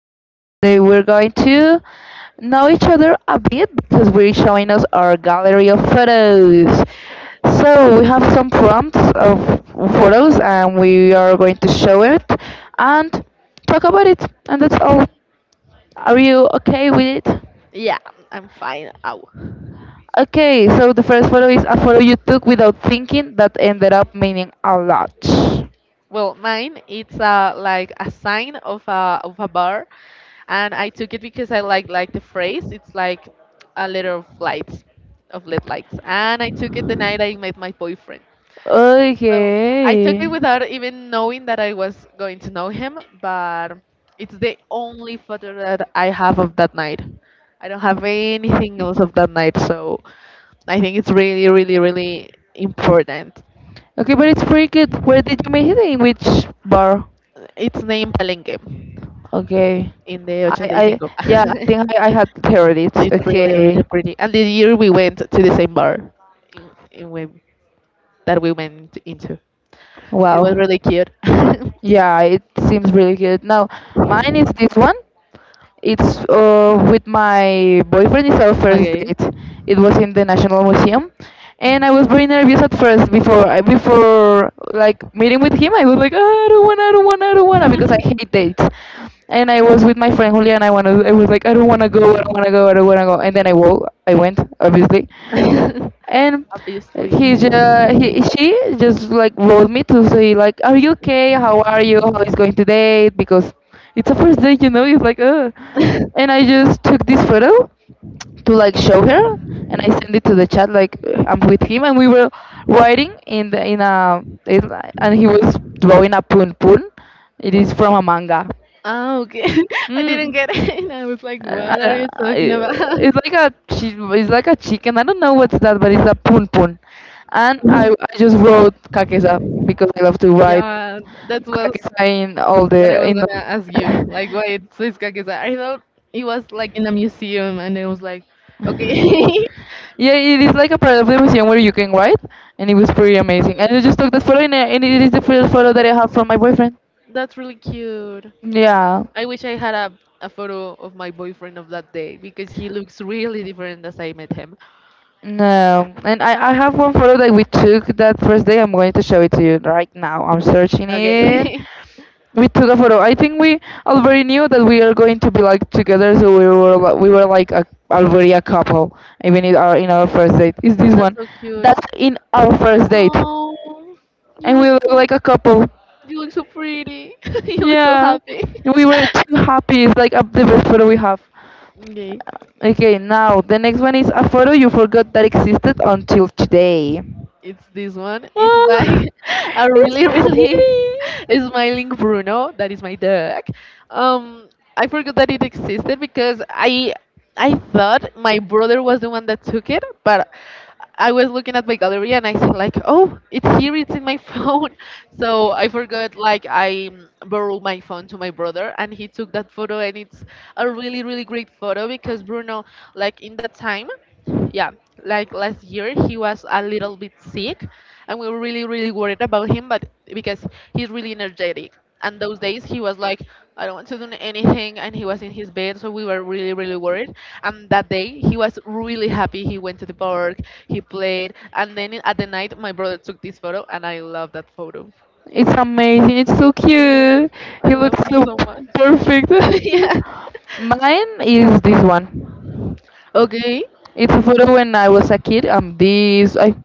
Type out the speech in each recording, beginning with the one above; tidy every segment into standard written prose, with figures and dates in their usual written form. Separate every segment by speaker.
Speaker 1: podcast. Today we're going to know each other a bit because we're showing us our gallery of photos. So we have some prompts of photos and we are going to show it and talk about it. And that's all. Are you okay with it?
Speaker 2: Yeah, I'm fine. Ow.
Speaker 1: Okay, so the first photo is a photo you took without thinking that ended up meaning a lot.
Speaker 2: Well, mine it's like a sign of a bar, and I took it because I like the phrase. It's like a letter of lit lights, and I took it the night I met my boyfriend. So I took it without even
Speaker 1: Okay.
Speaker 2: knowing that I was going to know him, but it's the only photo that I have of that night. I don't have anything else of that night, so I think it's really, really, really important.
Speaker 1: Okay, but it's pretty good. Where did you meet him? In which bar?
Speaker 2: It's named Palenque,
Speaker 1: Okay.
Speaker 2: in the
Speaker 1: I
Speaker 2: 85.
Speaker 1: yeah, I think I had heard it.
Speaker 2: It's really, really
Speaker 1: Okay.
Speaker 2: pretty. And the year we went to the same bar in that we went into. It was
Speaker 1: Wow.
Speaker 2: really cute.
Speaker 1: Yeah, it seems really good. Now, mine is this one. It's with my boyfriend. It's our first
Speaker 2: Okay.
Speaker 1: date. It was in the National Museum, and I
Speaker 2: Mhm.
Speaker 1: was very nervous at first before I before like meeting with him. I was like, "Ah, I don't wanna, I don't wanna, I don't wanna, because I hate dates. And I was with my friend Julia, and I was like, I don't wanna go, I don't wanna go, I don't wanna go. And then I went, obviously, and he
Speaker 2: Obviously.
Speaker 1: just he she just like wrote me to say like, are you okay, how are you, how is going today, because it's a first date, you know, it's like and I just took this photo to like show her, and I sent it to the chat like, I'm with him, and we were riding in the and he was drawing a pun pun. It is from a manga.
Speaker 2: Ah, okay. I didn't
Speaker 1: mm.
Speaker 2: get it. And I was like,
Speaker 1: Uh,
Speaker 2: what are
Speaker 1: I-
Speaker 2: you
Speaker 1: I-
Speaker 2: talking about?
Speaker 1: it's like a it's like a chicken. I don't know what's that, but it's a pun pun. And I just wrote kakesa because I love to write
Speaker 2: Yeah, that was
Speaker 1: kakesa
Speaker 2: what I was
Speaker 1: in all.
Speaker 2: gonna ask you. Like, why it's this kakisa? I thought it was like in a museum, and I was like, okay.
Speaker 1: Yeah, it is like a part of the museum where you can write, and it was pretty amazing. And
Speaker 2: Okay.
Speaker 1: I just took that photo, and it is the first photo that I have from my boyfriend.
Speaker 2: That's really cute.
Speaker 1: Yeah.
Speaker 2: I wish I had a photo of my boyfriend of that day because he looks really different as I met him.
Speaker 1: No, and I have one photo that we took that first day. I'm going to show it to you right now. I'm searching it.
Speaker 2: Okay.
Speaker 1: We took a photo. I think we already knew that we are going to be like together, so we were like already a couple, even in our first date. Is this
Speaker 2: That's
Speaker 1: one?
Speaker 2: so cute.
Speaker 1: That's in our first date,
Speaker 2: Oh, you
Speaker 1: and
Speaker 2: look
Speaker 1: we look
Speaker 2: so
Speaker 1: like a couple.
Speaker 2: you look so pretty. You look so
Speaker 1: Yeah,
Speaker 2: happy.
Speaker 1: we were too happy. It's like the best photo we have.
Speaker 2: Okay.
Speaker 1: Okay, now the next one is a photo you forgot that existed until today.
Speaker 2: It's this one. It's like
Speaker 1: Ah,
Speaker 2: a
Speaker 1: it's
Speaker 2: really,
Speaker 1: so
Speaker 2: really
Speaker 1: funny.
Speaker 2: smiling Bruno. That is my dog. Um, I forgot that it existed because I thought my brother was the one that took it, but I was looking at my gallery and I said like, oh, it's here. It's in my phone. So I forgot. Like I borrowed my phone to my brother and he took that photo, and it's a really, really great photo because Bruno, like in that time, yeah, like last year he was a little bit sick, and we were really, really worried about him, but because he's really energetic. And those days he was like, I don't want to do anything, and he was in his bed, so we were really, really worried. And that day he was really happy. He went to the park, he played, and then at the night my brother took this photo, and I love that photo.
Speaker 1: It's amazing. It's so
Speaker 2: Yeah,
Speaker 1: cute.
Speaker 2: I
Speaker 1: He
Speaker 2: love
Speaker 1: looks
Speaker 2: him
Speaker 1: so
Speaker 2: so
Speaker 1: p-
Speaker 2: much.
Speaker 1: perfect.
Speaker 2: Yeah.
Speaker 1: Mine is this one.
Speaker 2: Okay.
Speaker 1: It's a photo when I was a kid. I'm this.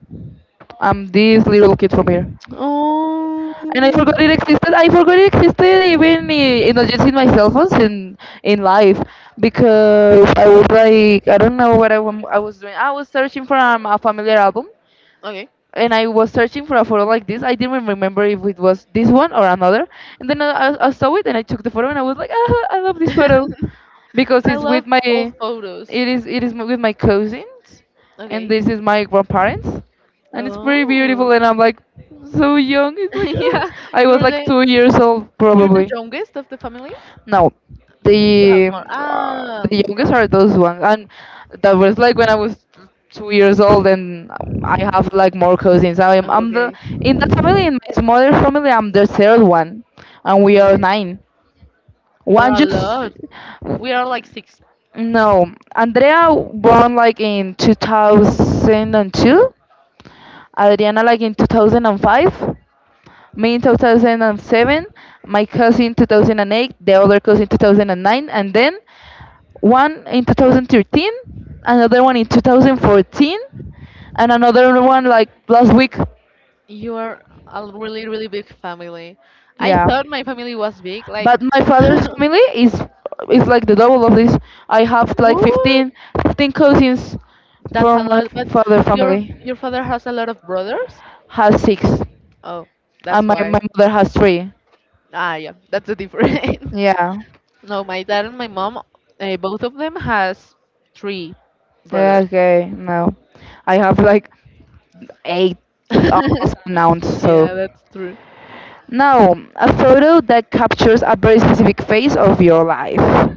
Speaker 1: I'm this little kid from here.
Speaker 2: Oh.
Speaker 1: And I forgot it existed. I forgot it existed even not just in my cell phones in life, because I was like, I don't know what I was doing. I was searching for a familiar album,
Speaker 2: Okay.
Speaker 1: and I was searching for a photo like this. I didn't remember if it was this one or another. And then I saw it and I took the photo, and I was like, ah, I love this photo because
Speaker 2: I
Speaker 1: it's with
Speaker 2: love old photos.
Speaker 1: it is with my cousins, and
Speaker 2: Okay.
Speaker 1: this is my grandparents, and it's pretty beautiful.
Speaker 2: Oh.
Speaker 1: And I'm like so young. It's like ah.
Speaker 2: Yeah.
Speaker 1: I was
Speaker 2: You're
Speaker 1: like
Speaker 2: the
Speaker 1: 2 years old
Speaker 2: the
Speaker 1: probably.
Speaker 2: youngest of the family.
Speaker 1: No,
Speaker 2: You have
Speaker 1: the
Speaker 2: more. Ah.
Speaker 1: the youngest
Speaker 2: Yeah.
Speaker 1: are those ones, and that was like when I was 2 years old, and I have like more cousins. I'm
Speaker 2: Oh,
Speaker 1: I'm the
Speaker 2: okay.
Speaker 1: in that family, in my mother's family. I'm the third one, and we are
Speaker 2: Okay.
Speaker 1: nine.
Speaker 2: You are
Speaker 1: One
Speaker 2: a
Speaker 1: just
Speaker 2: lot. We are like six.
Speaker 1: no. Andrea born like in 2002. Adriana like in 2005. Me in 2007. My cousin 2008. The other cousin 2009. And nine, and then one in 2013, another one in 2014, and another one like last week.
Speaker 2: You are a really, really big family. I
Speaker 1: Yeah,
Speaker 2: thought my family was big. Like,
Speaker 1: but my father's family is like the double of this. I have like
Speaker 2: what?
Speaker 1: fifteen cousins
Speaker 2: That's a
Speaker 1: from my
Speaker 2: lot, but
Speaker 1: father
Speaker 2: your
Speaker 1: family.
Speaker 2: your father has a lot of brothers?
Speaker 1: Has six,
Speaker 2: Oh, that's
Speaker 1: and my
Speaker 2: why.
Speaker 1: my mother has three.
Speaker 2: Ah, yeah, that's the difference.
Speaker 1: Yeah.
Speaker 2: No, my dad and my mom, both of them has three
Speaker 1: Yeah,
Speaker 2: brothers.
Speaker 1: okay. No, I have like eight uncles and aunts, so.
Speaker 2: Yeah, that's true.
Speaker 1: No, a photo that captures a very specific phase of your life.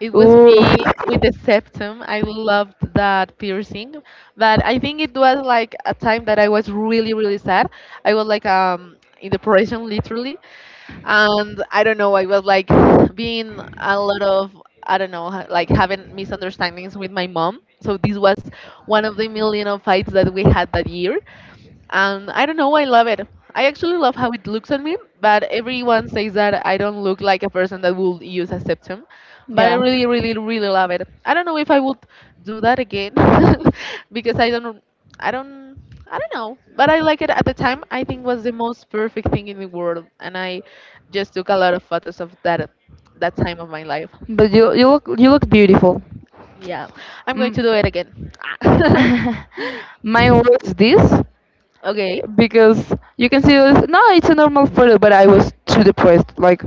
Speaker 2: It was
Speaker 1: Ooh,
Speaker 2: me with the septum. I loved that piercing, but I think it was like a time that I was really, really sad. I was like in depression, literally, and I don't know, I was like being a lot of, I don't know, like having misunderstandings with my mom. So this was one of the million of fights that we had that year, and I don't know, I love it. I actually love how it looks on me, but everyone says that I don't look like a person that would use a septum, but I
Speaker 1: yeah.
Speaker 2: really, really, really love it. I don't know if I would do that again, because I don't, I don't know, but I like it at the time. I think was the most perfect thing in the world, and I just took a lot of photos of that time of my life.
Speaker 1: But you look you look beautiful.
Speaker 2: Yeah, I'm going to
Speaker 1: Mm.
Speaker 2: do it again.
Speaker 1: Mine was this,
Speaker 2: Okay.
Speaker 1: because you can see this. No, it's a normal photo, but I was too depressed. Like,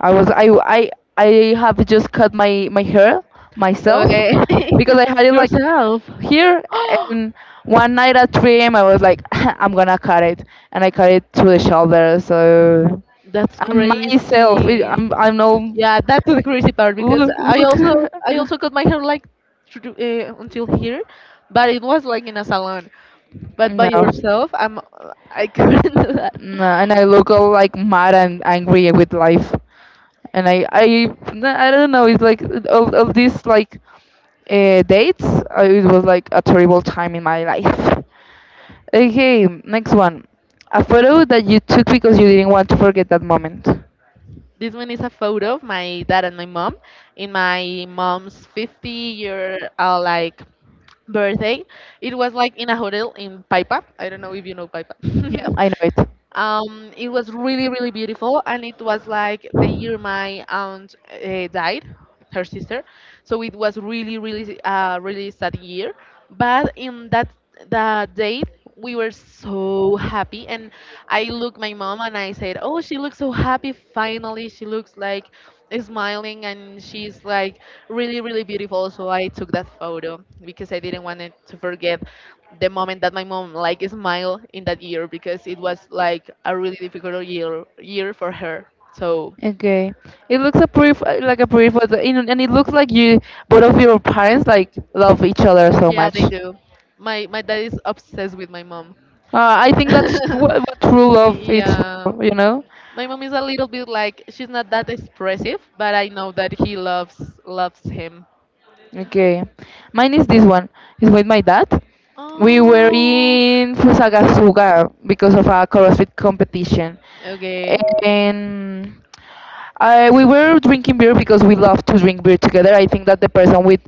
Speaker 1: I was I have just cut my hair myself,
Speaker 2: Okay.
Speaker 1: because I had it like
Speaker 2: Yourself.
Speaker 1: here, and one night at 3 a.m. I was like, I'm gonna cut it. And I cut it to the shoulder. So
Speaker 2: That's
Speaker 1: I'm myself it-
Speaker 2: crazy.
Speaker 1: I'm no
Speaker 2: Yeah, that's the crazy part, because
Speaker 1: look
Speaker 2: I
Speaker 1: look.
Speaker 2: also I also cut my hair like through, until here, but it was like in a salon. But by
Speaker 1: no
Speaker 2: yourself, I couldn't do that.
Speaker 1: no and I look all like mad and angry with life, and I don't know. It's like all of these like dates. It was like a terrible time in my life. Okay, next one. A photo that you took because you didn't want to forget that moment.
Speaker 2: This one is a photo of my dad and my mom in my mom's 50 year like birthday. It was like in a hotel in Paipa. I don't know if you know Paipa.
Speaker 1: Yeah. I know it.
Speaker 2: It was really, really beautiful, and it was like the year my aunt died, her sister. So it was really, really, really sad year. But in that date, we were so happy, and I looked my mom and I said, "Oh, she looks so happy. Finally, she looks like smiling, and she's like really, really beautiful." So I took that photo because I didn't want it to forget the moment that my mom like smiled in that year because it was like a really difficult year for her. So
Speaker 1: Okay, it looks a like a pretty photo, and it looks like you both of your parents like love each other so
Speaker 2: yeah,
Speaker 1: much.
Speaker 2: they do. My dad is obsessed with my mom.
Speaker 1: I think that's what true love is
Speaker 2: Yeah,
Speaker 1: for, you know.
Speaker 2: my mom is a little bit like she's not that expressive, but I know that he loves him.
Speaker 1: Okay. Mine is this one. It's with my dad. We were
Speaker 2: Oh,
Speaker 1: in Fusagasugá because of a CrossFit competition.
Speaker 2: okay,
Speaker 1: And we were drinking beer because we love to drink beer together. I think that the person with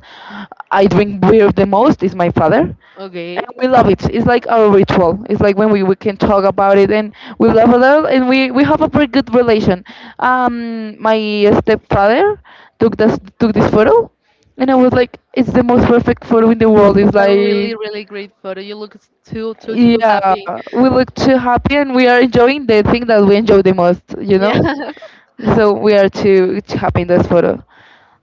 Speaker 1: I drink beer the most is my father,
Speaker 2: okay.
Speaker 1: and we love it. It's like our ritual. It's like when we can talk about it, and we love a lot, and we have a pretty good relation. My stepfather took this photo, and I was like, it's the most perfect photo in the world. It's
Speaker 2: It's a really
Speaker 1: like
Speaker 2: really great photo. You look too too too
Speaker 1: yeah,
Speaker 2: happy.
Speaker 1: we look too happy, and we are enjoying the thing that we enjoy the most. You know,
Speaker 2: Yeah.
Speaker 1: so we are too happy in this photo.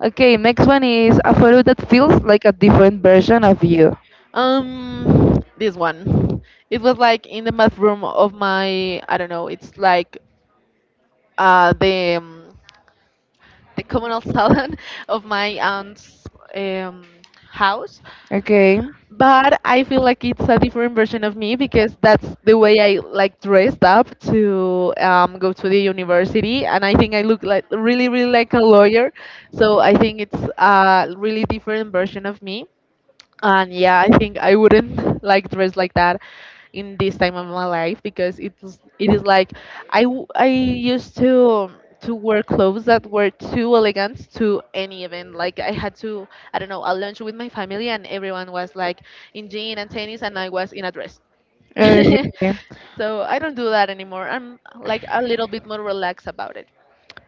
Speaker 1: Okay, next one is a photo that feels like a different version of you.
Speaker 2: This one. It was like in the bathroom of my, I don't know, it's like uh, the um, the communal salon of my aunt's um, house.
Speaker 1: Okay.
Speaker 2: But I feel like it's a different version of me because that's the way I like dressed up to go to the university, and I think I look like really, really like a lawyer. So I think it's a really different version of me, and yeah, I think I wouldn't like dress like that in this time of my life, because it is like I used to wear clothes that were too elegant to any event. Like I had to, I don't know, a lunch with my family, and everyone was like in jean and tennis, and I was in a dress.
Speaker 1: Okay.
Speaker 2: So I don't do that anymore. I'm like a little bit more relaxed about it.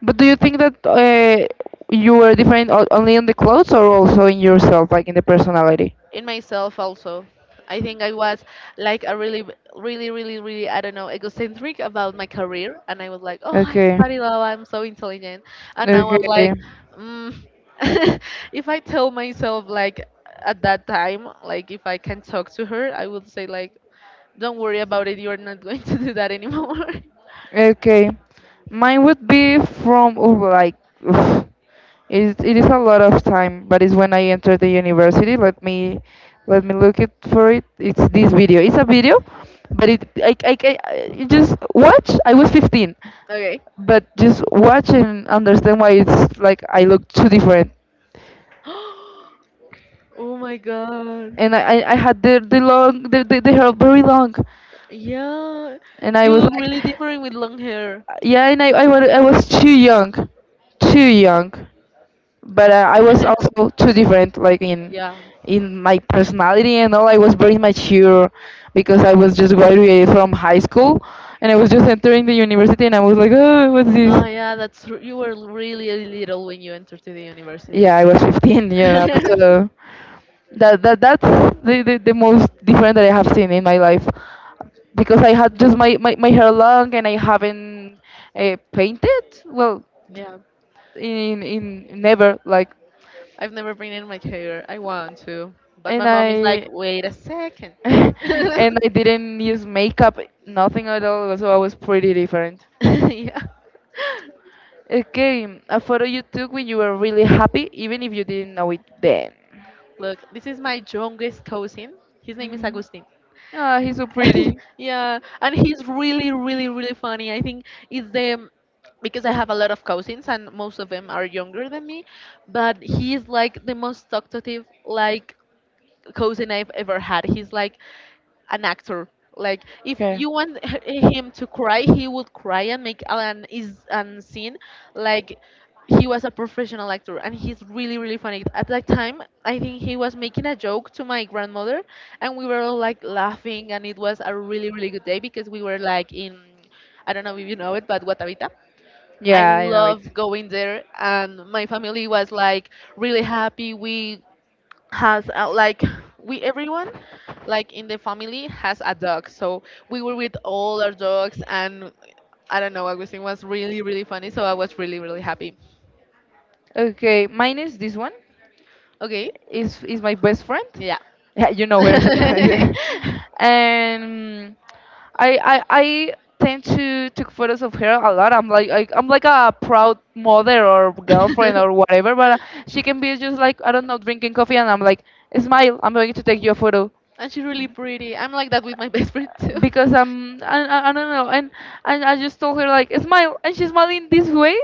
Speaker 1: But do you think that you were different only in the clothes, or also in yourself, like in the personality?
Speaker 2: In myself also. I think I was like a really, really, really, really, I don't know, egocentric about my career. And I was like, oh, I
Speaker 1: Okay,
Speaker 2: study law, I'm so intelligent. And now I'm
Speaker 1: okay,
Speaker 2: like, mm, if I tell myself, like, at that time, like, if I can talk to her, I would say, like, don't worry about it, you're not going to do that anymore.
Speaker 1: okay. Mine would be from oh, like oof, it is a lot of time, but it's when I entered the university. Let me look it for it. It's this video. It's a video, but it I just watch. I was 15,
Speaker 2: Okay.
Speaker 1: but just watch and understand why it's like I look too different,
Speaker 2: Oh my
Speaker 1: and I,
Speaker 2: god.
Speaker 1: I I had the hair very long,
Speaker 2: Yeah.
Speaker 1: and I
Speaker 2: You
Speaker 1: was
Speaker 2: look
Speaker 1: like,
Speaker 2: really different with long hair.
Speaker 1: yeah, and I was too young, but I was also too different, like
Speaker 2: Yeah.
Speaker 1: in my personality and all. I was very mature because I was just graduated from high school, and I was just entering the university, and I was like, oh, what's this?
Speaker 2: Oh yeah, that's you were really little when you entered to the university.
Speaker 1: Yeah, I was 15, you know, so. That that's the most different that I have seen in my life, because I had just my hair long, and I haven't painted well
Speaker 2: Yeah,
Speaker 1: in never like,
Speaker 2: I've never been in my hair. I want to, but my
Speaker 1: and
Speaker 2: mom is like,
Speaker 1: I
Speaker 2: wait a second.
Speaker 1: and I didn't use makeup, nothing at all, so I was pretty different.
Speaker 2: Yeah.
Speaker 1: Okay, a photo you took when you were really happy, even if you didn't know it then.
Speaker 2: Look, this is my youngest cousin. His name is
Speaker 1: Hmm.
Speaker 2: Agustin.
Speaker 1: Ah, he's so pretty.
Speaker 2: Yeah, and he's really, really, really funny. I think it's the because I have a lot of cousins and most of them are younger than me, but he's like the most talkative like cousin I've ever had. He's like an actor. Like if
Speaker 1: Okay.
Speaker 2: you want him to cry, he would cry and make an is an scene. Like he was a professional actor, and he's really really funny. At that time, I think he was making a joke to my grandmother, and we were all like laughing, and it was a really really good day because we were like in, I don't know if you know it, but Guatavita. I
Speaker 1: Yeah, I know it.
Speaker 2: love going there, and my family was like really happy. We has like we everyone like in the family has a dog, so we were with all our dogs, and I don't know, everything was really really funny, so I was really really happy.
Speaker 1: Okay, mine is this one.
Speaker 2: Okay.
Speaker 1: Is my best friend.
Speaker 2: Yeah.
Speaker 1: Yeah, you know her. So and I tend to take photos of her a lot. I'm like I'm like a proud mother or girlfriend or whatever. But she can be just like, I don't know, drinking coffee, and I'm like, smile. I'm going to take you a photo,
Speaker 2: And she's really pretty. I'm like that with my best friend too.
Speaker 1: because I don't know. And I just told her like, smile, and she's smiling this way.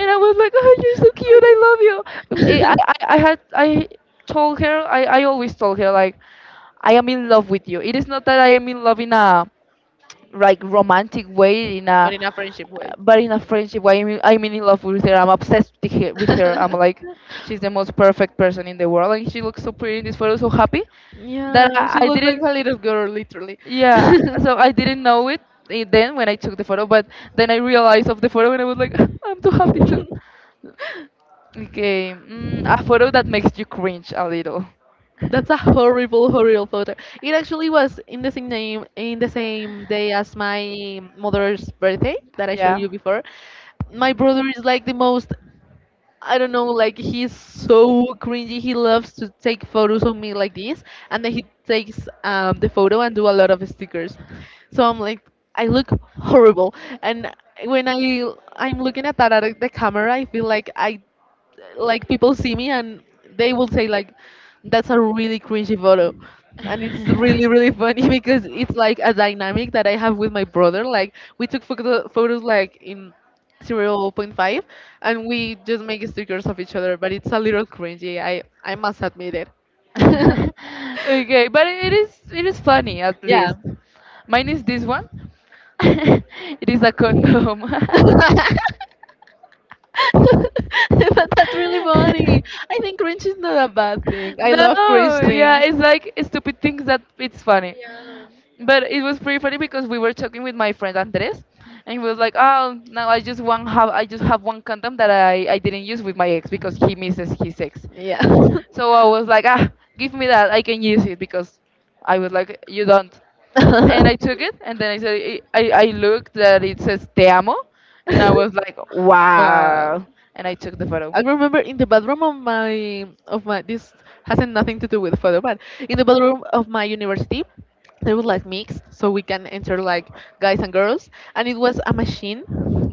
Speaker 1: And I was like, "Oh, you're so cute. I love you." But I told her, I always told her like, I am in love with you. It is not that I am in love in a like romantic way,
Speaker 2: But in a friendship way.
Speaker 1: but in a friendship way. I mean, I'm in love with her. I'm obsessed with her. With her. I'm like, she's the most perfect person in the world, and she looks so pretty in this photo, so happy that
Speaker 2: Yeah, she
Speaker 1: I
Speaker 2: looks like a
Speaker 1: didn't,
Speaker 2: little girl, literally.
Speaker 1: yeah. So I didn't know it then when I took the photo, but then I realized of the photo, and I was like, I'm too happy too. Okay, mm, a photo that makes you cringe a little.
Speaker 2: That's a horrible, horrible photo. It actually was in the same day as my mother's birthday that I showed
Speaker 1: Yeah.
Speaker 2: you before. My brother is like the most, I don't know, like he's so cringy. He loves to take photos of me like this, and then he takes the photo and do a lot of stickers. So I'm like, I look horrible. And when I'm looking at the camera, I feel like I like people see me and they will say like, that's a really cringy photo, and it's really really funny because it's like a dynamic that I have with my brother. Like we took photos like in zero point 0.5, and we just make stickers of each other, but it's a little cringy, I must admit it.
Speaker 1: Okay, but it is funny at
Speaker 2: Yeah.
Speaker 1: least. Mine is this one. It is a condom.
Speaker 2: But that's really funny. I think cringe is not a bad thing. I love cringe
Speaker 1: No, yeah,
Speaker 2: things.
Speaker 1: it's like stupid things that it's funny. But it was pretty funny because we were talking with my friend Andres, and he was like, "Oh, now I just have one condom that I didn't use with my ex
Speaker 2: Yeah.
Speaker 1: because he misses his ex."
Speaker 2: Yeah.
Speaker 1: So I was like, "Ah, give me that. I can use it because I was like, you don't." And I took it, and then I said, I looked that it says "Te amo," and I was like,
Speaker 2: Wow.
Speaker 1: "Wow!" And I took the photo.
Speaker 2: I remember in the bathroom of my, this hasn't nothing to do with photo, but in the bathroom of my university, they were like mixed, so we can enter like guys and girls, and it was a machine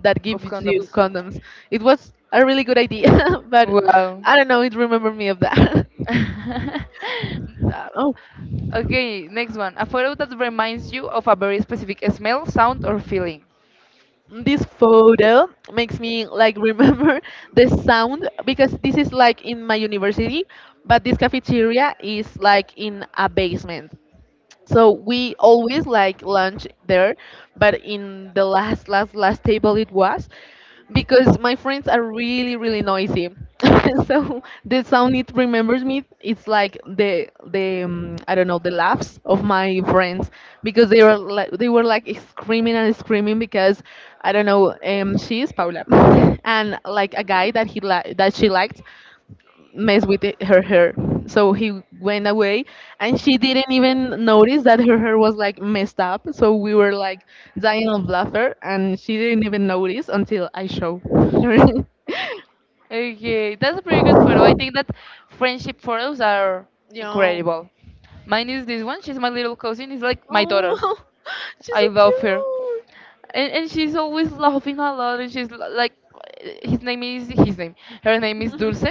Speaker 2: that
Speaker 1: Of
Speaker 2: gives you
Speaker 1: condoms.
Speaker 2: condoms. It was a really good idea, but
Speaker 1: Wow.
Speaker 2: I don't know. It remembered me of that. Oh.
Speaker 1: Okay, next one. A photo that reminds you of a very specific smell, sound, or feeling.
Speaker 2: This photo makes me like remember the sound because this is like in my university, but this cafeteria is like in a basement. So we always like lunch there, but in the last, last, last table it was because my friends are really, really noisy. So the sound it remembers me. It's like the, I don't know, the laughs of my friends because they were like screaming and screaming because I don't know, she is Paula. And like a guy that that she liked mess with it, her hair. So he went away, and she didn't even notice that her hair was like messed up. So we were like dying of laughter, and she didn't even notice until I show her.
Speaker 1: Okay, that's a pretty good photo. I think that friendship photos are
Speaker 2: Yo.
Speaker 1: incredible. Mine is this one. She's my little cousin. It's like my daughter.
Speaker 2: Oh, she's
Speaker 1: I
Speaker 2: so
Speaker 1: love her.
Speaker 2: cute.
Speaker 1: And she's always laughing a lot, and she's l- like his name is his name her name is
Speaker 2: Mhm.
Speaker 1: dulce.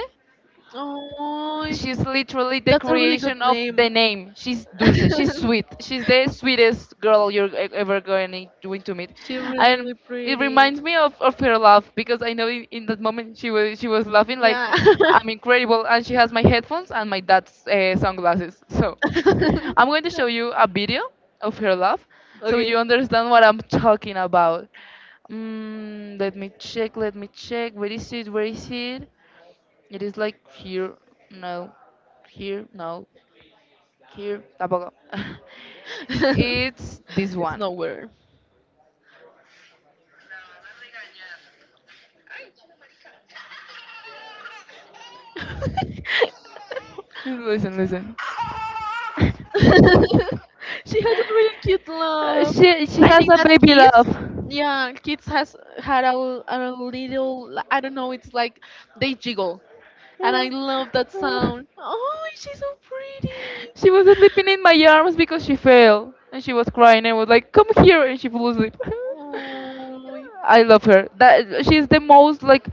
Speaker 2: Oh,
Speaker 1: She's literally the
Speaker 2: that's a really good
Speaker 1: creation of the
Speaker 2: name.
Speaker 1: name. She's dulce. She's sweet. She's the sweetest girl you're e- ever going to meet,
Speaker 2: She's really,
Speaker 1: and
Speaker 2: really
Speaker 1: it
Speaker 2: pretty.
Speaker 1: reminds me of her laugh because I know in that moment she was laughing like
Speaker 2: Yeah.
Speaker 1: I'm incredible, and she has my headphones and my dad's sunglasses. So I'm going to show you a video of her laugh so
Speaker 2: Okay.
Speaker 1: you understand what I'm talking about. Mm, let me check. Let me check. Where is it? Where is it? It is like here, no, here, no, here, tampoco. It's this
Speaker 2: It's
Speaker 1: one.
Speaker 2: nowhere.
Speaker 1: Listen, listen.
Speaker 2: She has a really cute laugh.
Speaker 1: She
Speaker 2: I
Speaker 1: has
Speaker 2: think
Speaker 1: a
Speaker 2: that
Speaker 1: baby
Speaker 2: kids,
Speaker 1: love.
Speaker 2: yeah, kids has had a little, I don't know, it's like they jiggle, and I
Speaker 1: Uh,
Speaker 2: love that
Speaker 1: uh,
Speaker 2: sound. Oh, she's so pretty. She
Speaker 1: she
Speaker 2: was,
Speaker 1: was sleeping in my arms because she fell and she was crying. I was like, "Come here," and she fell asleep.
Speaker 2: oh,
Speaker 1: I love her. That she's the most like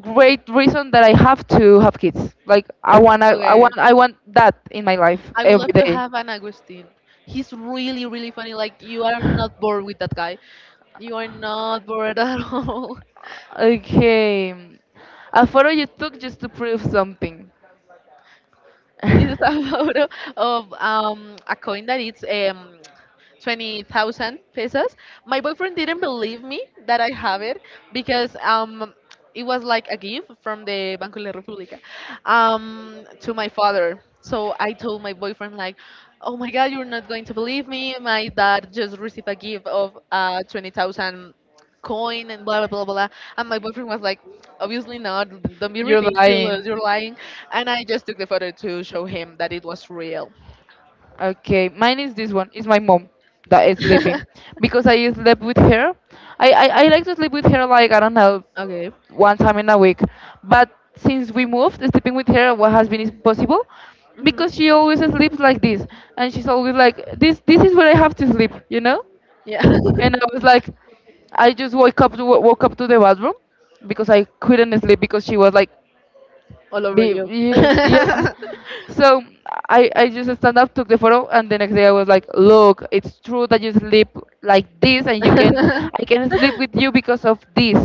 Speaker 1: great reason that I have to have kids. Like I wanna, I
Speaker 2: okay.
Speaker 1: want, I want that in my life
Speaker 2: I would like,
Speaker 1: every
Speaker 2: love to
Speaker 1: day.
Speaker 2: have an Agustin. He's really, really funny. Like you are not bored with that guy. You are not bored at all.
Speaker 1: Okay. A photo you took just to prove something.
Speaker 2: This is a photo of a coin that is 20,000 pesos. My boyfriend didn't believe me that I have it because it was like a gift from the Banco de la República to my father. So I told my boyfriend like, "Oh my God, you're not going to believe me. My dad just received a gift of 20,000 coin and blah blah blah blah." And my boyfriend was like, obviously not. Don't be
Speaker 1: Ridiculous,
Speaker 2: ridiculous.
Speaker 1: lying.
Speaker 2: You're lying. And I just took the photo to show him that it was real.
Speaker 1: Okay, mine is this one. It's my mom that is sleeping because I slept with her. I like to sleep with her like I don't know
Speaker 2: Okay.
Speaker 1: one time in a week, but since we moved, sleeping with her what has been impossible
Speaker 2: Hmm.
Speaker 1: because she always sleeps like this, and she's always like this. This is where I have to sleep, you know.
Speaker 2: Yeah.
Speaker 1: And I was like, I just woke up to the bathroom because I couldn't sleep because she was like
Speaker 2: All over
Speaker 1: be,
Speaker 2: you.
Speaker 1: yeah, yeah.
Speaker 2: And
Speaker 1: So I just stand up, took the photo, and the next day I was like, look, it's true that you sleep like this, and you can, I can sleep with you because of this.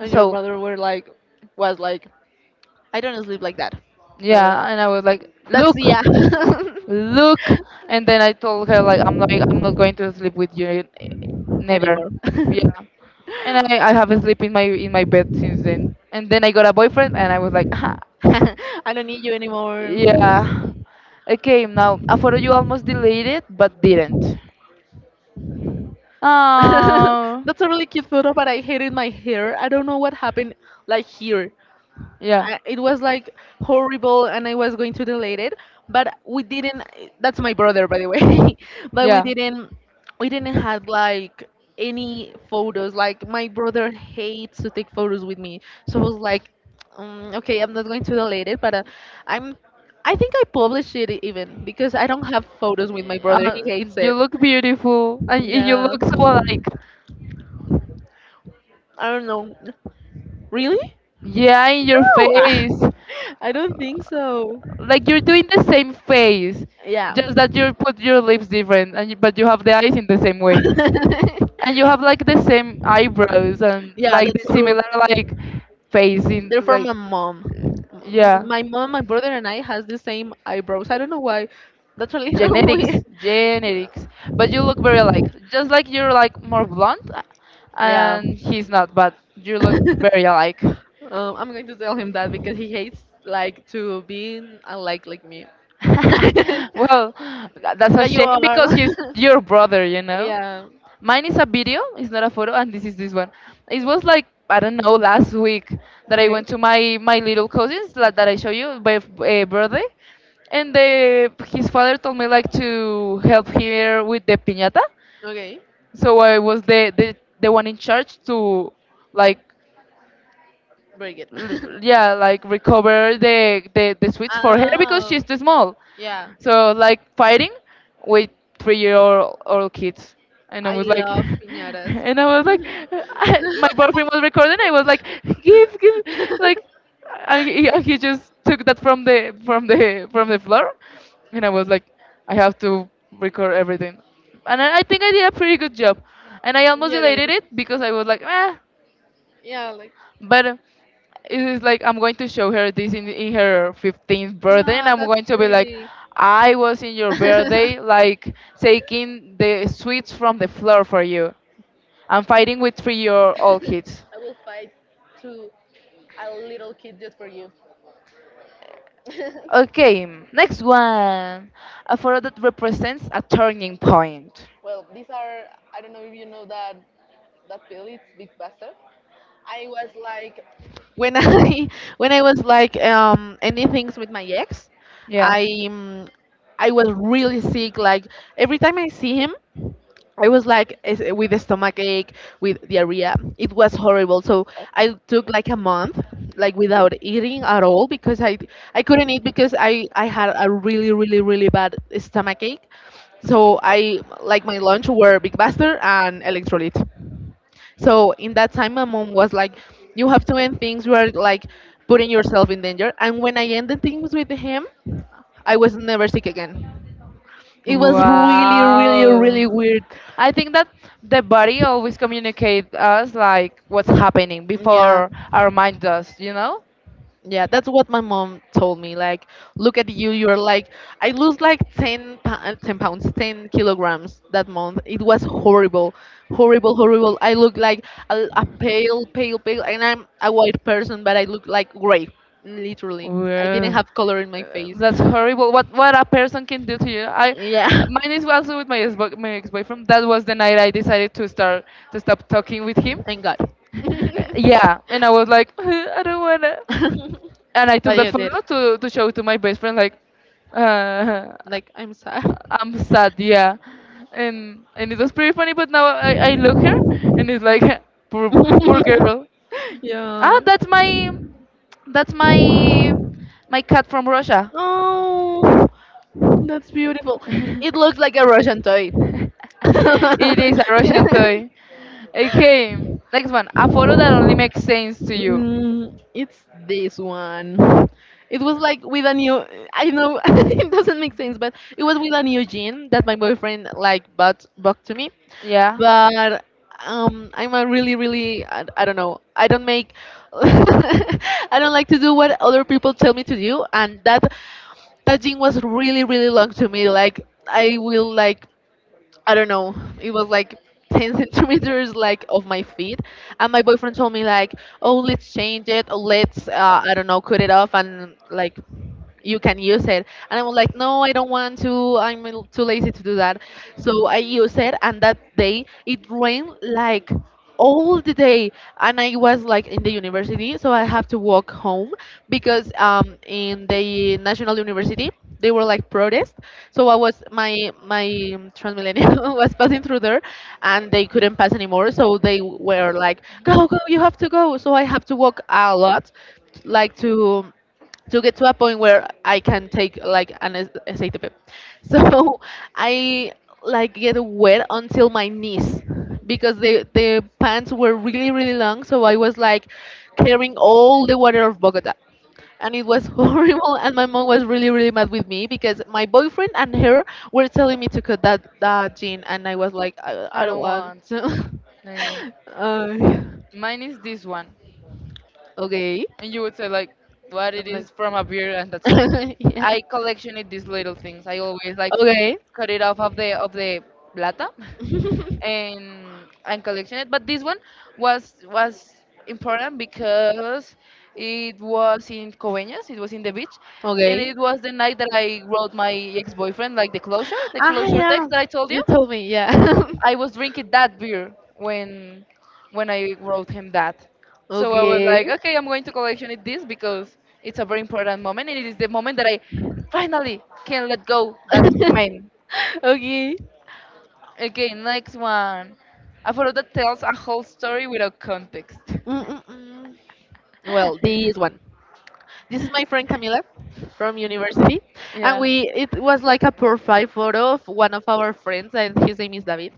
Speaker 2: your
Speaker 1: So
Speaker 2: mother was like, I don't sleep like that. No, no, no.
Speaker 1: yeah, and I was like,
Speaker 2: That's,
Speaker 1: look,
Speaker 2: yeah.
Speaker 1: look, and then I told her like, I'm not going to sleep with you, eh, never.
Speaker 2: Anymore.
Speaker 1: Yeah, and I have sleep in my bed since then. And then I got a boyfriend, and I was like,
Speaker 2: I don't need you anymore.
Speaker 1: Yeah. Okay, now a photo you almost deleted but didn't. Oh,
Speaker 2: That's a really cute photo, but I hated my hair. I don't know what happened, like here.
Speaker 1: yeah.
Speaker 2: It was like horrible, and I was going to delete it, but we didn't. That's my brother, by the way. But we,
Speaker 1: Yeah.
Speaker 2: yeah, didn't, we didn't have like any photos. Like my brother hates to take photos with me, so I was like, okay, I'm not going to delete it, but I'm I think I published it even because I don't have photos with my brother, he
Speaker 1: Uh,
Speaker 2: hates it.
Speaker 1: you look beautiful and y- you
Speaker 2: Yeah,
Speaker 1: look so like
Speaker 2: I don't know, really.
Speaker 1: yeah in your
Speaker 2: No.
Speaker 1: face
Speaker 2: I don't think so.
Speaker 1: like you're doing the same face,
Speaker 2: Yeah.
Speaker 1: just that you put your lips different and you, but you have the eyes in the same way. And you have like the same eyebrows and
Speaker 2: Yeah,
Speaker 1: like
Speaker 2: that's
Speaker 1: the
Speaker 2: the true.
Speaker 1: similar like face in
Speaker 2: They're from
Speaker 1: like
Speaker 2: my mom.
Speaker 1: yeah.
Speaker 2: My mom, my brother, and I has the same eyebrows. I don't know why. That's a little
Speaker 1: Genetics,
Speaker 2: weird.
Speaker 1: genetics, but you look very alike, just like you're like more blonde,
Speaker 2: Yeah.
Speaker 1: and he's not, but you look very alike.
Speaker 2: I'm going to tell him that because he hates like to be unlike like me.
Speaker 1: Well, tha- that's a
Speaker 2: But you okay.
Speaker 1: shame
Speaker 2: are.
Speaker 1: because he's your brother, you know.
Speaker 2: Yeah.
Speaker 1: Mine is a video, it's not a photo, and this is this one. It was like I don't know last week that
Speaker 2: Okay.
Speaker 1: I
Speaker 2: Related.
Speaker 1: went to my little cousin's, like, that I show you by birthday, and the his father told me like to help here with the piñata,
Speaker 2: Okay,
Speaker 1: so I was the one in charge to like
Speaker 2: very good.
Speaker 1: l- yeah like recover the sweets for her because she's too small, so like fighting with 3-year old kids, and I
Speaker 2: Oh, yeah, I
Speaker 1: was like
Speaker 2: love piñatas.
Speaker 1: and I was like my boyfriend was recording. I was like give give like I, he just took that from the floor, and I was like I have to record everything, and I think I
Speaker 2: Yeah,
Speaker 1: did a pretty good job, and I almost deleted it because I was like
Speaker 2: yeah, like.
Speaker 1: but it is like I'm going to show her this in her 15th birthday, and I'm going to be like, I was in your birthday, like taking the sweets from the floor for you. I'm fighting with three-year-old kids.
Speaker 2: I will fight to a little kid just for you.
Speaker 1: Okay, next one. A photo that represents a turning point.
Speaker 2: Well, these are, I don't know if you know that that pill. It's Big Buster. I was like when I when I was like, anything's with my ex,
Speaker 1: Yeah.
Speaker 2: I um, I was really sick. Like every time I see him. I was like, with a stomach ache, with diarrhea. It was horrible. So I took like a month, like without eating at all because I couldn't eat because I had a really really really bad stomach ache. So I like my lunch were Big Buster and electrolyte. So in that time, my mom was like, "You have to end things. You are like putting yourself in danger." And when I ended things with him, I was never sick again. It was really really
Speaker 1: Wow.
Speaker 2: really weird.
Speaker 1: I think that the body always communicates us like what's happening
Speaker 2: Yeah.
Speaker 1: before our mind does, you know?
Speaker 2: Yeah, that's what my mom told me. Like, look at you, you're like, I lose like 10 pounds, 10 kilograms that month. It was horrible, horrible, horrible. I look like a pale, pale, pale, and I'm a white person, but I look like gray, literally. I didn't
Speaker 1: Well,
Speaker 2: have color in my face.
Speaker 1: that's horrible. What a person can do to you. I
Speaker 2: Yeah,
Speaker 1: mine is also with my ex boyfriend. That was the night I decided to start to stop talking with him.
Speaker 2: thank God.
Speaker 1: Yeah, and I was like I don't wanna, and I
Speaker 2: But
Speaker 1: took that
Speaker 2: you did.
Speaker 1: photo to show to my best friend like uh,
Speaker 2: Like, I'm sad.
Speaker 1: I'm sad, yeah, and it was pretty funny, but now I look her
Speaker 2: And
Speaker 1: and it's
Speaker 2: it's
Speaker 1: like
Speaker 2: like,
Speaker 1: poor, poor girl.
Speaker 2: yeah.
Speaker 1: Ah, that's my my cat from russia.
Speaker 2: Oh, that's beautiful. It looks like a Russian toy.
Speaker 1: It is a russian toy. Okay, next one. A photo that only makes sense to you.
Speaker 2: Mm, it's this one. It was like with a new. I know it doesn't make sense, but it was with a new jean that my boyfriend like bought to me,
Speaker 1: Yeah,
Speaker 2: but I'm a really, really, I don't know. I don't make, I don't like to do what other people tell me to do, and that that gym was really, really long to me. Like I will like, I don't know. It was like 10 centimeters like of my feet. And my boyfriend told me like, "Oh, let's change it. Or let's, I don't know, cut it off and like you can use it." And I was like, "No, I don't want to. I'm too lazy to do that." So I used it, and that day it rained like all the day, and I was like in the university, so I have to walk home because, in the national university they were like protest. So I was my, transmillennial was passing through there, and they couldn't pass anymore, so they were like, go go, you have to go. So I have to walk a lot, like to get to a point where I can take like an SATP. So I like get wet until my knees because the pants were really really long, so I was like carrying all the water of Bogota. And it was horrible, and my mom was really really mad with me because my boyfriend and her were telling me to cut that that gene, and I was like,
Speaker 1: I
Speaker 2: I don't
Speaker 1: don't
Speaker 2: want
Speaker 1: want to.
Speaker 2: to.
Speaker 1: Okay.
Speaker 2: Uh,
Speaker 1: Mine is this one,
Speaker 2: okay.
Speaker 1: and you would say like what it
Speaker 2: I'm like.
Speaker 1: is from a beer, and that's all.
Speaker 2: Yeah.
Speaker 1: I collection it these little things. I always like
Speaker 2: Okay.
Speaker 1: cut it off of the plata, and collection it. But this one was important because it was in Coveñas, it was in the beach, and it
Speaker 2: Okay.
Speaker 1: was the night that I wrote my ex-boyfriend like the
Speaker 2: Ah,
Speaker 1: closure text
Speaker 2: yeah,
Speaker 1: that I told you.
Speaker 2: you told me. Yeah.
Speaker 1: I was drinking that beer when I wrote him that. So I was
Speaker 2: Okay.
Speaker 1: like, okay, I'm going to collection it this because it's a very important moment, and it is the moment that I finally can let go that man.
Speaker 2: Okay.
Speaker 1: Okay, next one. A photo that tells a whole story without context.
Speaker 2: Mm-mm-mm. Well, this one. This is my friend Camila from university, and
Speaker 1: Yeah.
Speaker 2: we, it was like a profile photo of one of our friends, and his name is David.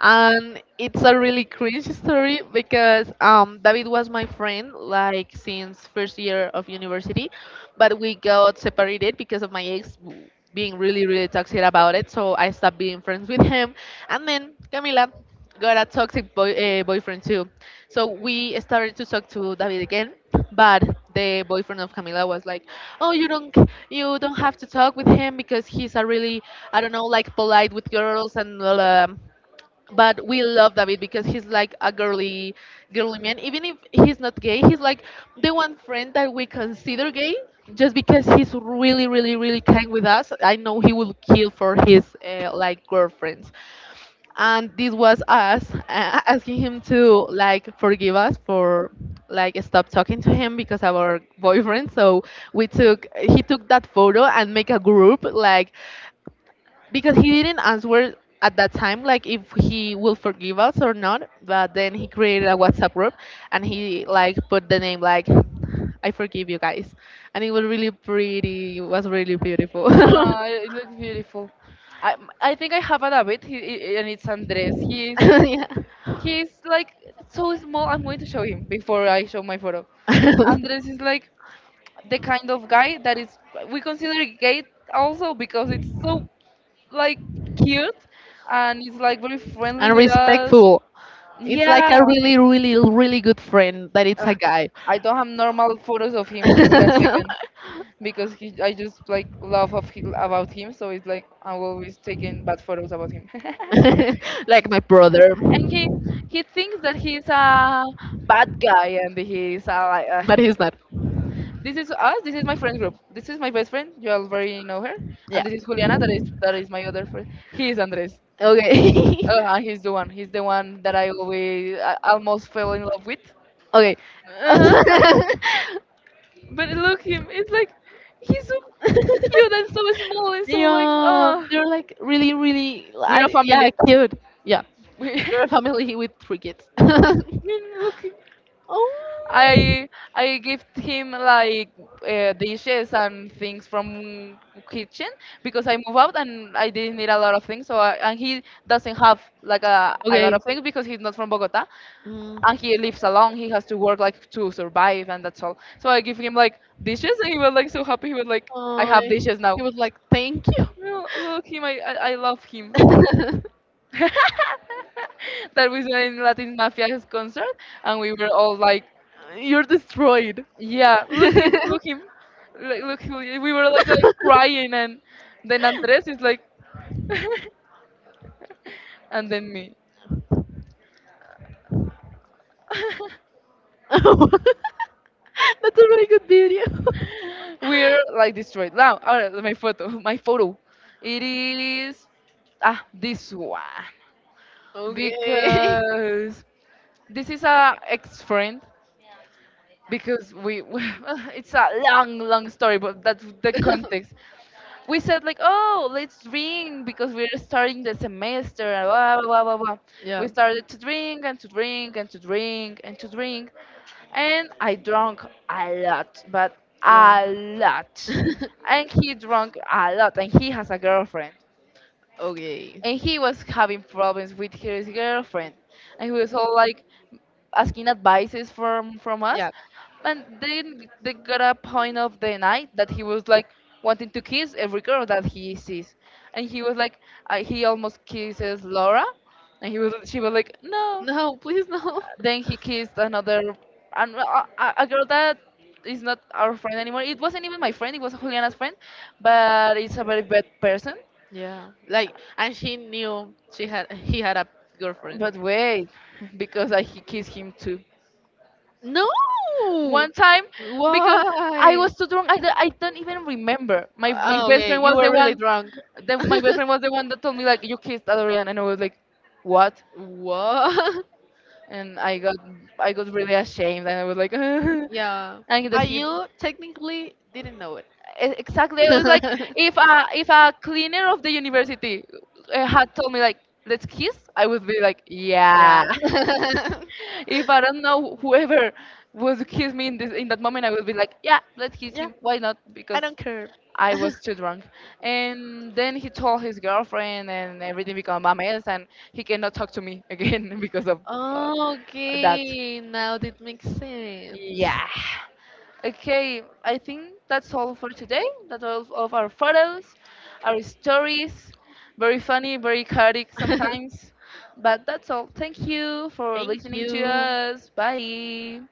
Speaker 2: And it's a really cringe story because, David was my friend like since first year of university, but we got separated because of my ex being really really toxic about it. So I stopped being friends with him, and then Camila got a toxic boyfriend too. So we started to talk to David again, but the boyfriend of Camila was like, "Oh, you don't, you don't have to talk with him because he's a really, I don't know, like polite with girls and blah, blah, blah." But we love David because he's like a girly, girly man. Even if he's not gay, he's like the one friend that we consider gay just because he's really, really, really kind with us. I know he will kill for his, like girlfriends, and this was us, asking him to like forgive us for like stop talking to him because of our boyfriend. So we took he took that photo and make a group like, because he didn't answer at that time like if he will forgive us or not. But then he created a WhatsApp group, and he like put the name like, I forgive you guys. And it was really pretty, it was really beautiful.
Speaker 1: Ah, it looks beautiful. I I think I have a David, and it's Andres. He's
Speaker 2: Yeah.
Speaker 1: he's like so small. I'm going to show him before I show my photo. Andres is like the kind of guy that is we consider gay, also because it's so like cute, and he's like very friendly
Speaker 2: And
Speaker 1: with us.
Speaker 2: respectful. It's like
Speaker 1: Yeah,
Speaker 2: a really, really, really good friend that it's
Speaker 1: Ugh,
Speaker 2: a guy.
Speaker 1: I don't have normal photos of him with a second because he, I just like love about him, so it's like I'm always taking bad photos about him. And
Speaker 2: Like my brother.
Speaker 1: he he thinks that he's a bad guy, and he's a like
Speaker 2: But he's not.
Speaker 1: this is us. This is my friend group. This is my best friend. You already know her, and this is Juliana. That is my other friend. He is Andres.
Speaker 2: Okay.
Speaker 1: And he's the one. He's the one that I always I almost fell in love with.
Speaker 2: Okay.
Speaker 1: Uh-huh.
Speaker 2: Uh,
Speaker 1: But look him, it's like he's so cute and so small and so like
Speaker 2: yeah,
Speaker 1: uh,
Speaker 2: they're like really, really,
Speaker 1: we're a
Speaker 2: I, yeah,
Speaker 1: family.
Speaker 2: cute. Yeah, you're a family with three kids.
Speaker 1: We look him.
Speaker 2: Oh,
Speaker 1: I I give him like dishes and things from kitchen because I move out and I didn't need a lot of things. So I, and he doesn't have like a lot of things because he's not from Bogota,
Speaker 2: mm.
Speaker 1: and he lives alone. He has to work like to survive, and that's all. So I give him like dishes, and he was like so happy. He was like, I have dishes now.
Speaker 2: Like, thank you.
Speaker 1: No, look him. I love him. That was saw in Latin Mafia's concert, and we were all like,
Speaker 2: You're destroyed.
Speaker 1: "Yeah, look him, like, look who." He-" We were like crying, and then Andres is like, and then me.
Speaker 2: Yeah. That's a really good video.
Speaker 1: We're like destroyed. Now, all right, my photo, my photo. It is ah this one
Speaker 2: Okay.
Speaker 1: because this is a ex friend because we it's a long long story, but that's the context. We said like oh let's drink because we're starting the semester and blah blah blah blah blah.
Speaker 2: Yeah.
Speaker 1: We started to drink and to drink and to drink and to drink, and I drank a lot but
Speaker 2: Yeah.
Speaker 1: a lot, and he drank a lot, and he has a girlfriend,
Speaker 2: Okay.
Speaker 1: and he was having problems with his girlfriend, and he was all like asking advices from us.
Speaker 2: Yeah.
Speaker 1: And then they got a point of the night that he was like wanting to kiss every girl that he sees, and he was like he almost kisses laura, and he was she was like no.
Speaker 2: No, please no.
Speaker 1: Then he kissed another, and a girl that is not our friend anymore. It wasn't even my friend, it was juliana's friend, but it's a very bad person.
Speaker 2: Yeah. Like and she knew she had he had a girlfriend.
Speaker 1: But wait, because I he kissed him too.
Speaker 2: No.
Speaker 1: One time, because I
Speaker 2: Why?
Speaker 1: was too drunk, I,
Speaker 2: Oh,
Speaker 1: d- I don't even remember. My best
Speaker 2: okay,
Speaker 1: friend
Speaker 2: you
Speaker 1: was
Speaker 2: were
Speaker 1: the
Speaker 2: really
Speaker 1: one,
Speaker 2: drunk.
Speaker 1: the, my best friend was the one that told me like you kissed Adrian, and I was like, what?
Speaker 2: What?
Speaker 1: And I got really ashamed, and I was like, and
Speaker 2: Yeah.
Speaker 1: that
Speaker 2: But you technically didn't know it.
Speaker 1: exactly I was like, if a cleaner of the university had told me like let's kiss, I would be like,
Speaker 2: Yeah.
Speaker 1: yeah. If I don't know whoever would kiss me in that moment, I would be like, yeah, let's kiss
Speaker 2: Yeah.
Speaker 1: him. Why
Speaker 2: Like,
Speaker 1: not? Because
Speaker 2: don't care.
Speaker 1: I was too drunk. And then he told his girlfriend, and everything became a mess, and he cannot talk to me again because of uh,
Speaker 2: Oh,
Speaker 1: that.
Speaker 2: okay, now that makes sense.
Speaker 1: Yeah. Okay, I think that's all for today. That's all of our photos, our stories. Very funny, very chaotic sometimes. But that's all. Thank you for
Speaker 2: Thank
Speaker 1: listening to
Speaker 2: you.
Speaker 1: us. Bye.